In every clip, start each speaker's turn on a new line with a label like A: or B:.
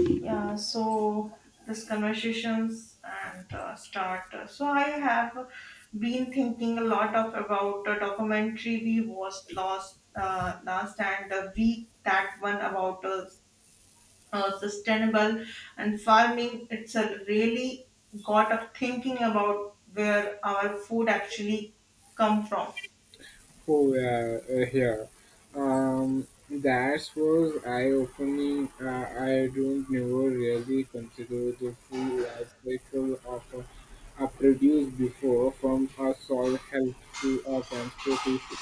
A: Yeah, so this conversations and start. So I have been thinking a lot of about the documentary we watched last last and the week, that one about sustainable and farming. It's a really got of thinking about where our food actually come from.
B: Oh yeah, here. That was eye-opening. I don't never really consider the full life cycle of a produce before, from a soil health to a transportation.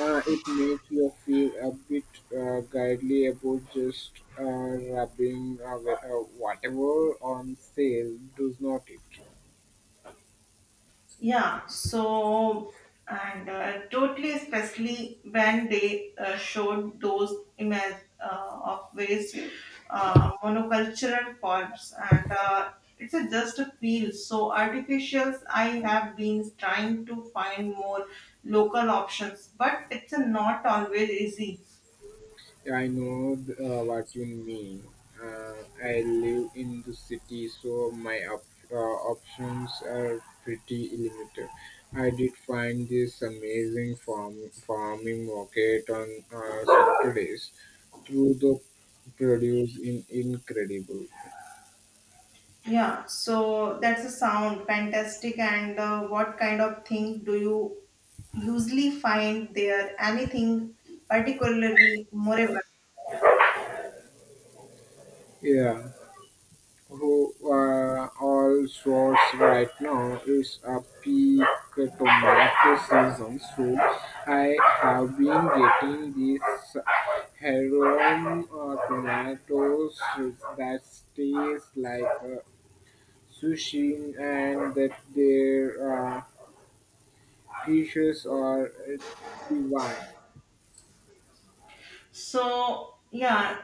B: It makes you feel a bit guidely about just uh, rubbing whatever on sale, does not it?
A: Yeah, so and Totally, especially when they showed those images of various monocultural forms, and it's a, just a feel so artificial. I have been trying to find more local options, but it's a not always easy.
B: Yeah, I know what you mean. I live in the city, so my op- options are pretty limited. I did find this amazing farming market on Saturdays. Through the produce in incredible.
A: That's a sound fantastic. And what kind of thing do you usually find there? Anything particularly more about?
B: Yeah, who all sorts right now is a peak tomato season, so I have been getting these heirloom tomatoes that taste like sushi and that their fishes are divine.
A: So yeah,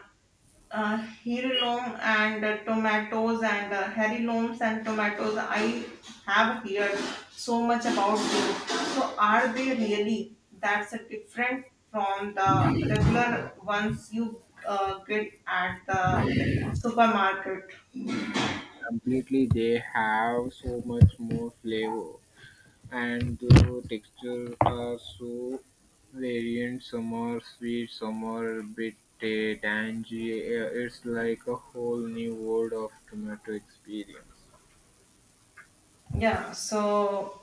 A: Heirloom and tomatoes and heirlooms and tomatoes. I have heard so much about those. So are they really that's a different from the regular ones you get at the supermarket?
B: Completely, they have so much more flavor. And the texture are so variant, some are sweet summer bit tangy. It's like a whole new world of tomato experience.
A: Yeah, so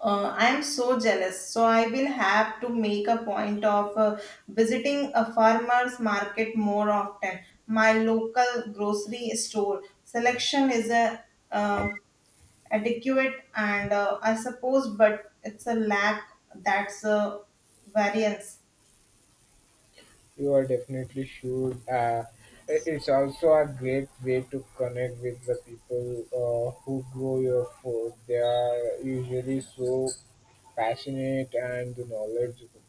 A: I am so jealous. So I will have to make a point of visiting a farmer's market more often. My local grocery store selection is a uh, adequate, and I suppose, but it's a lack that's a variance.
B: You are definitely should. It's also a great way to connect with the people who grow your food. They are usually so passionate and knowledgeable.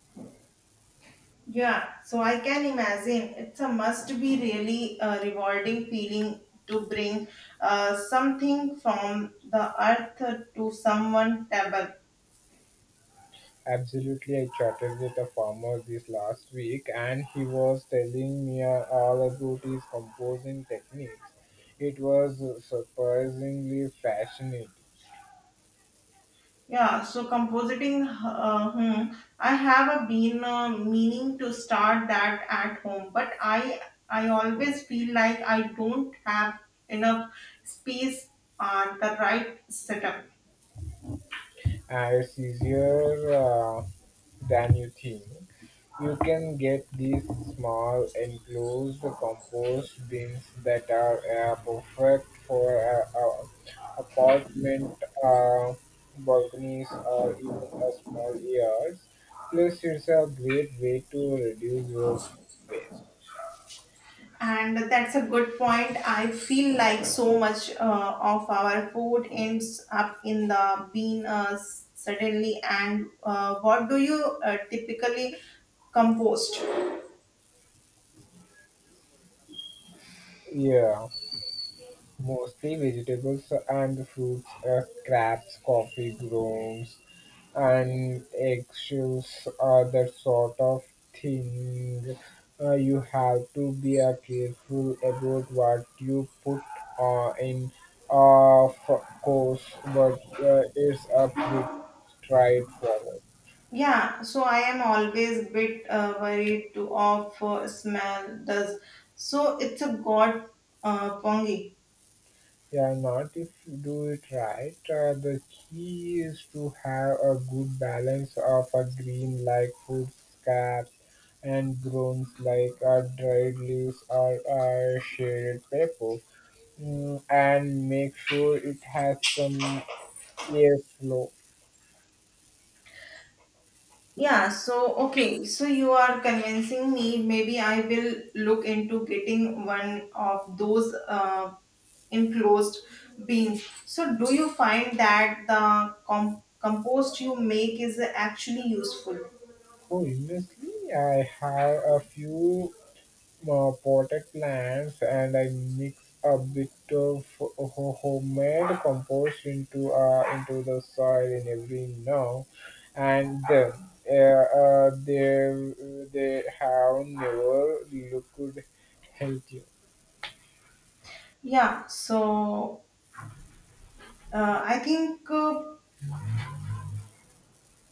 A: Yeah, so I can imagine it's a must be really rewarding feeling to bring something from the earth to someone table.
B: Absolutely, I chatted with a farmer this last week and he was telling me all about his composing techniques. It was surprisingly fascinating.
A: Yeah, so compositing, I have a been meaning to start that at home, but I always feel like I don't have enough space on the right setup.
B: It's easier than you think. You can get these small enclosed compost bins that are perfect for apartment uh, balconies or even a small yards. Plus, it's a great way to reduce your waste.
A: And that's a good point. I feel like so much of our food ends up in the bin suddenly. And what do you typically compost?
B: Yeah. Mostly vegetables so, and fruits, crabs, coffee grounds, and eggshells are the sort of thing. You have to be careful about what you put in. Of course, but it's a pretty straightforward.
A: Yeah, so I am always bit worried to of smell does. So it's a god pongi.
B: Yeah, not if you do it right. The key is to have a good balance of a green like food scraps and browns like dried leaves or shaded paper, mm, and make sure it has some airflow.
A: Yeah, so okay, so you are convincing me. Maybe I will look into getting one of those enclosed beans. So, do you find that the compost you make is actually useful?
B: Oh, honestly, I have a few potted plants and I mix a bit of homemade compost into the soil in every now and then. Uh, uh, they they have never looked healthy.
A: Yeah, so I think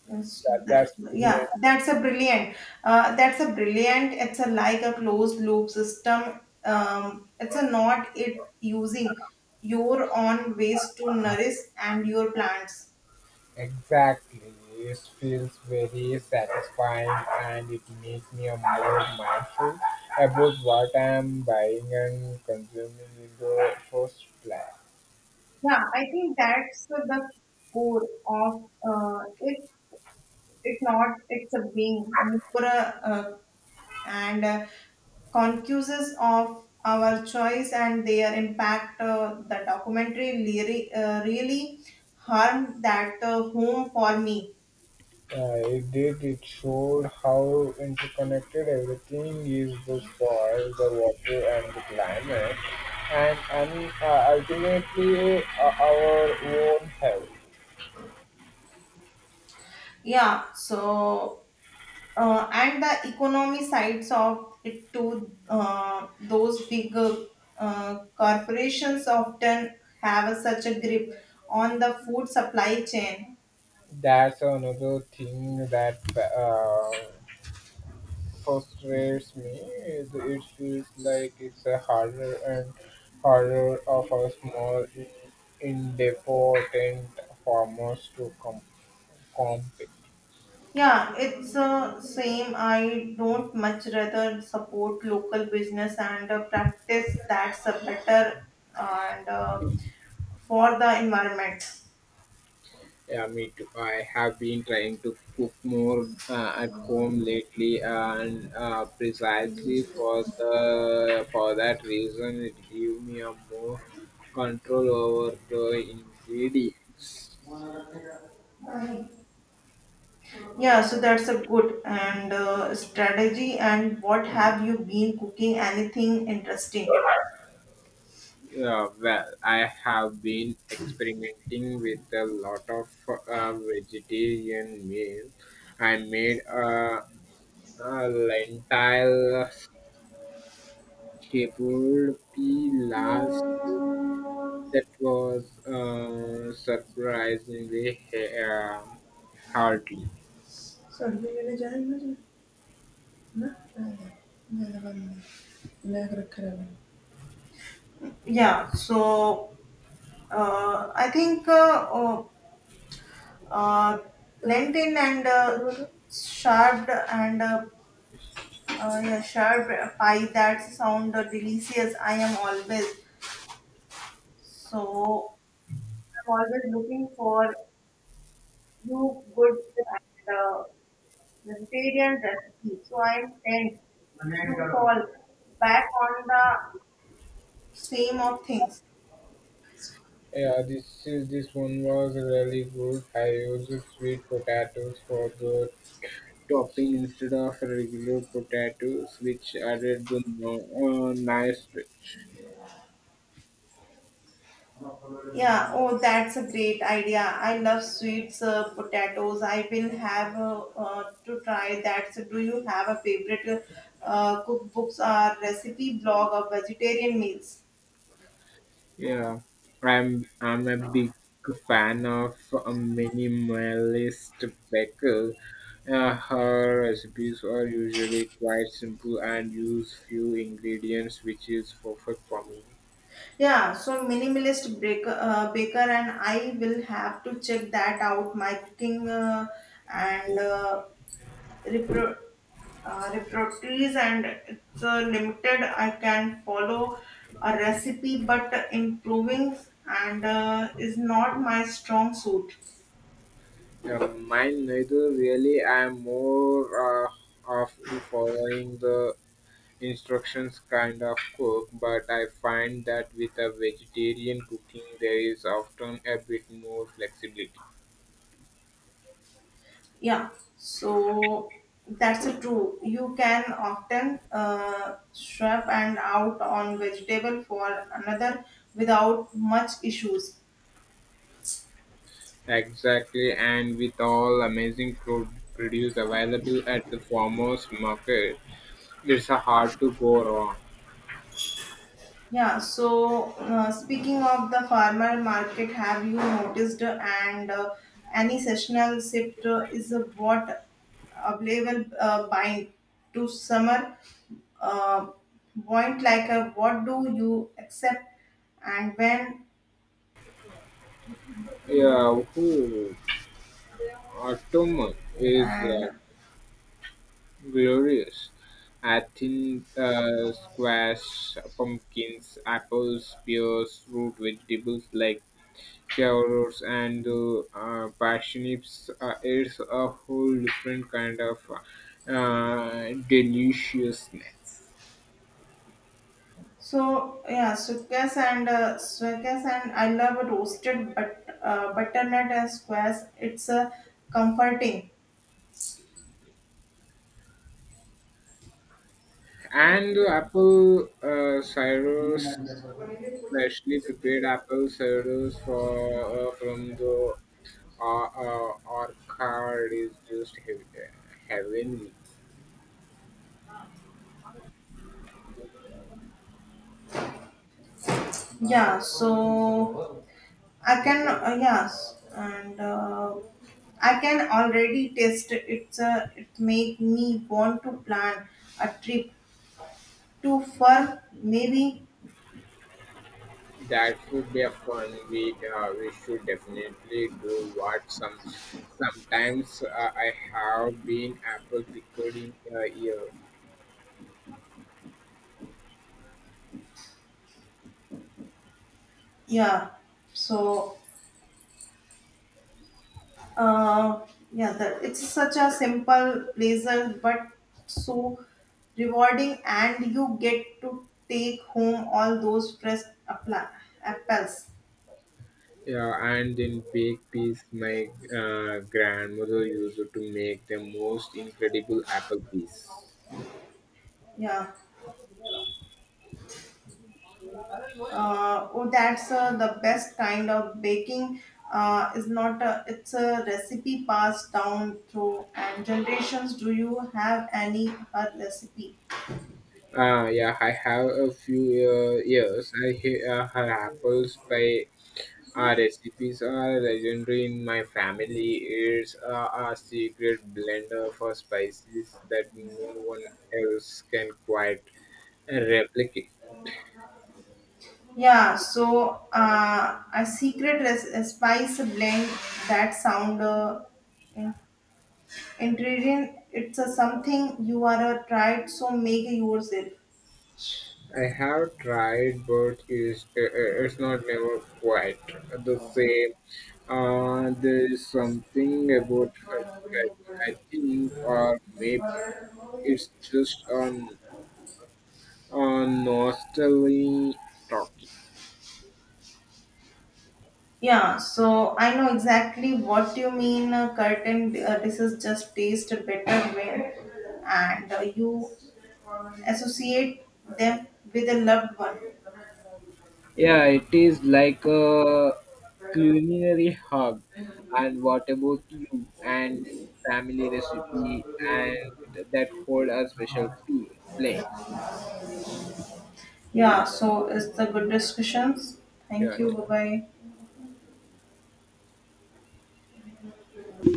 A: Yes,
B: That's brilliant.
A: that's a brilliant. That's a brilliant. It's a like a closed loop system. It's a not it using your own waste to nourish and your plants.
B: Exactly, it feels very satisfying and it makes me a more mindful about what I'm buying and consuming in the first place.
A: Yeah, I think that's the core of it. It not it's a being more a, and concuses of our choice and their impact. The documentary really harmed that home for me.
B: It did. It showed how interconnected everything is, the soil, the water, and the climate, and ultimately our own health.
A: Yeah, so and the economy sides of it too. Those big corporations often have such a grip on the food supply chain.
B: That's another thing that frustrates me. Is it feels like it's a harder and harder of a small, in independent farmers to compete.
A: Yeah, it's same. I don't much rather support local business and practice that's a better and for the environment.
B: Yeah, me too. I have been trying to cook more at home lately, and precisely for the for that reason, it gave me a more control over the ingredients.
A: Yeah, so that's a good and strategy. And what have you been cooking? Anything interesting?
B: Yeah, well, I have been experimenting with a lot of vegetarian meals. I made a lentil shepherd pea last. That was surprisingly um, hardly.
A: Yeah, so I think uh, Lenten and Shard and yeah, sure. Pie, that sound delicious. I am always so. I'm always looking for new good and vegetarian recipes. So I tend to fall back on the same of things.
B: Yeah, this one was really good. I used sweet potatoes for the topping instead of regular potatoes, which added the no, nice touch.
A: Yeah. Oh, that's a great idea. I love sweets, potatoes. I will have to try that. So, do you have a favorite cookbooks or recipe blog of vegetarian meals?
B: Yeah, I'm a big fan of a minimalist baker. Her recipes are usually quite simple and use few ingredients, which is perfect for me.
A: Yeah, so minimalist baker, and I will have to check that out. My cooking and uh, repro- repertories and it's limited. I can follow a recipe, but improving and is not my strong suit.
B: Mine neither really. I'm more of the following the instructions kind of cook, but I find that with a vegetarian cooking, there is often a bit more flexibility.
A: Yeah, so that's a true. You can often swap and out on vegetable for another without much issues.
B: Exactly, and with all amazing produce available at the farmers market, it's hard to go wrong.
A: Speaking of the farmer market, have you noticed and any seasonal shift is what available buying to summer uh, point, like what do you accept and when?
B: Yeah, who autumn is
A: and
B: glorious. I think squash, pumpkins, apples, pears, root vegetables like carrots and parsnips. It's a whole different kind of deliciousness.
A: so yeah, squares and uh, squares, and I love roasted butternut and squares. It's comforting.
B: And apple cider, freshly prepared apple ciders for from the orchard is just heavenly.
A: Yeah, so I can, yes, and I can already taste it. It's a, it make me want to plan a trip to for maybe,
B: That would be a fun. We should definitely do what sometimes I have been apple pickled in a year.
A: yeah. So, uh, yeah, the, it's such a simple pleasure, but so rewarding, and you get to take home all those fresh appla- apples.
B: Yeah, and in baked peas, my grandmother used to make the most incredible apple peas.
A: Yeah. Oh, that's the best kind of baking is not a, it's a recipe passed down through and generations. Do you have any her recipe?
B: Yeah, I have a few years. I hear her apples pie recipes are legendary in my family. It's a secret blender for spices that no one else can quite replicate.
A: A secret spice blend, that sound in- ingredient. It's a something you are a tried so make yourself?
B: I have tried, but it's not never quite the same. There's something about her touch, I think, or maybe it's just on. Nostalgia talking.
A: Yeah, so I know exactly what you mean. Curtain dishes just taste better when and you associate them with a loved one.
B: Yeah, it is like a culinary hub. And what about you and family recipe and that hold a special place?
A: Yeah, so it's the good discussions. Thank
B: Yeah.
A: you. Bye bye.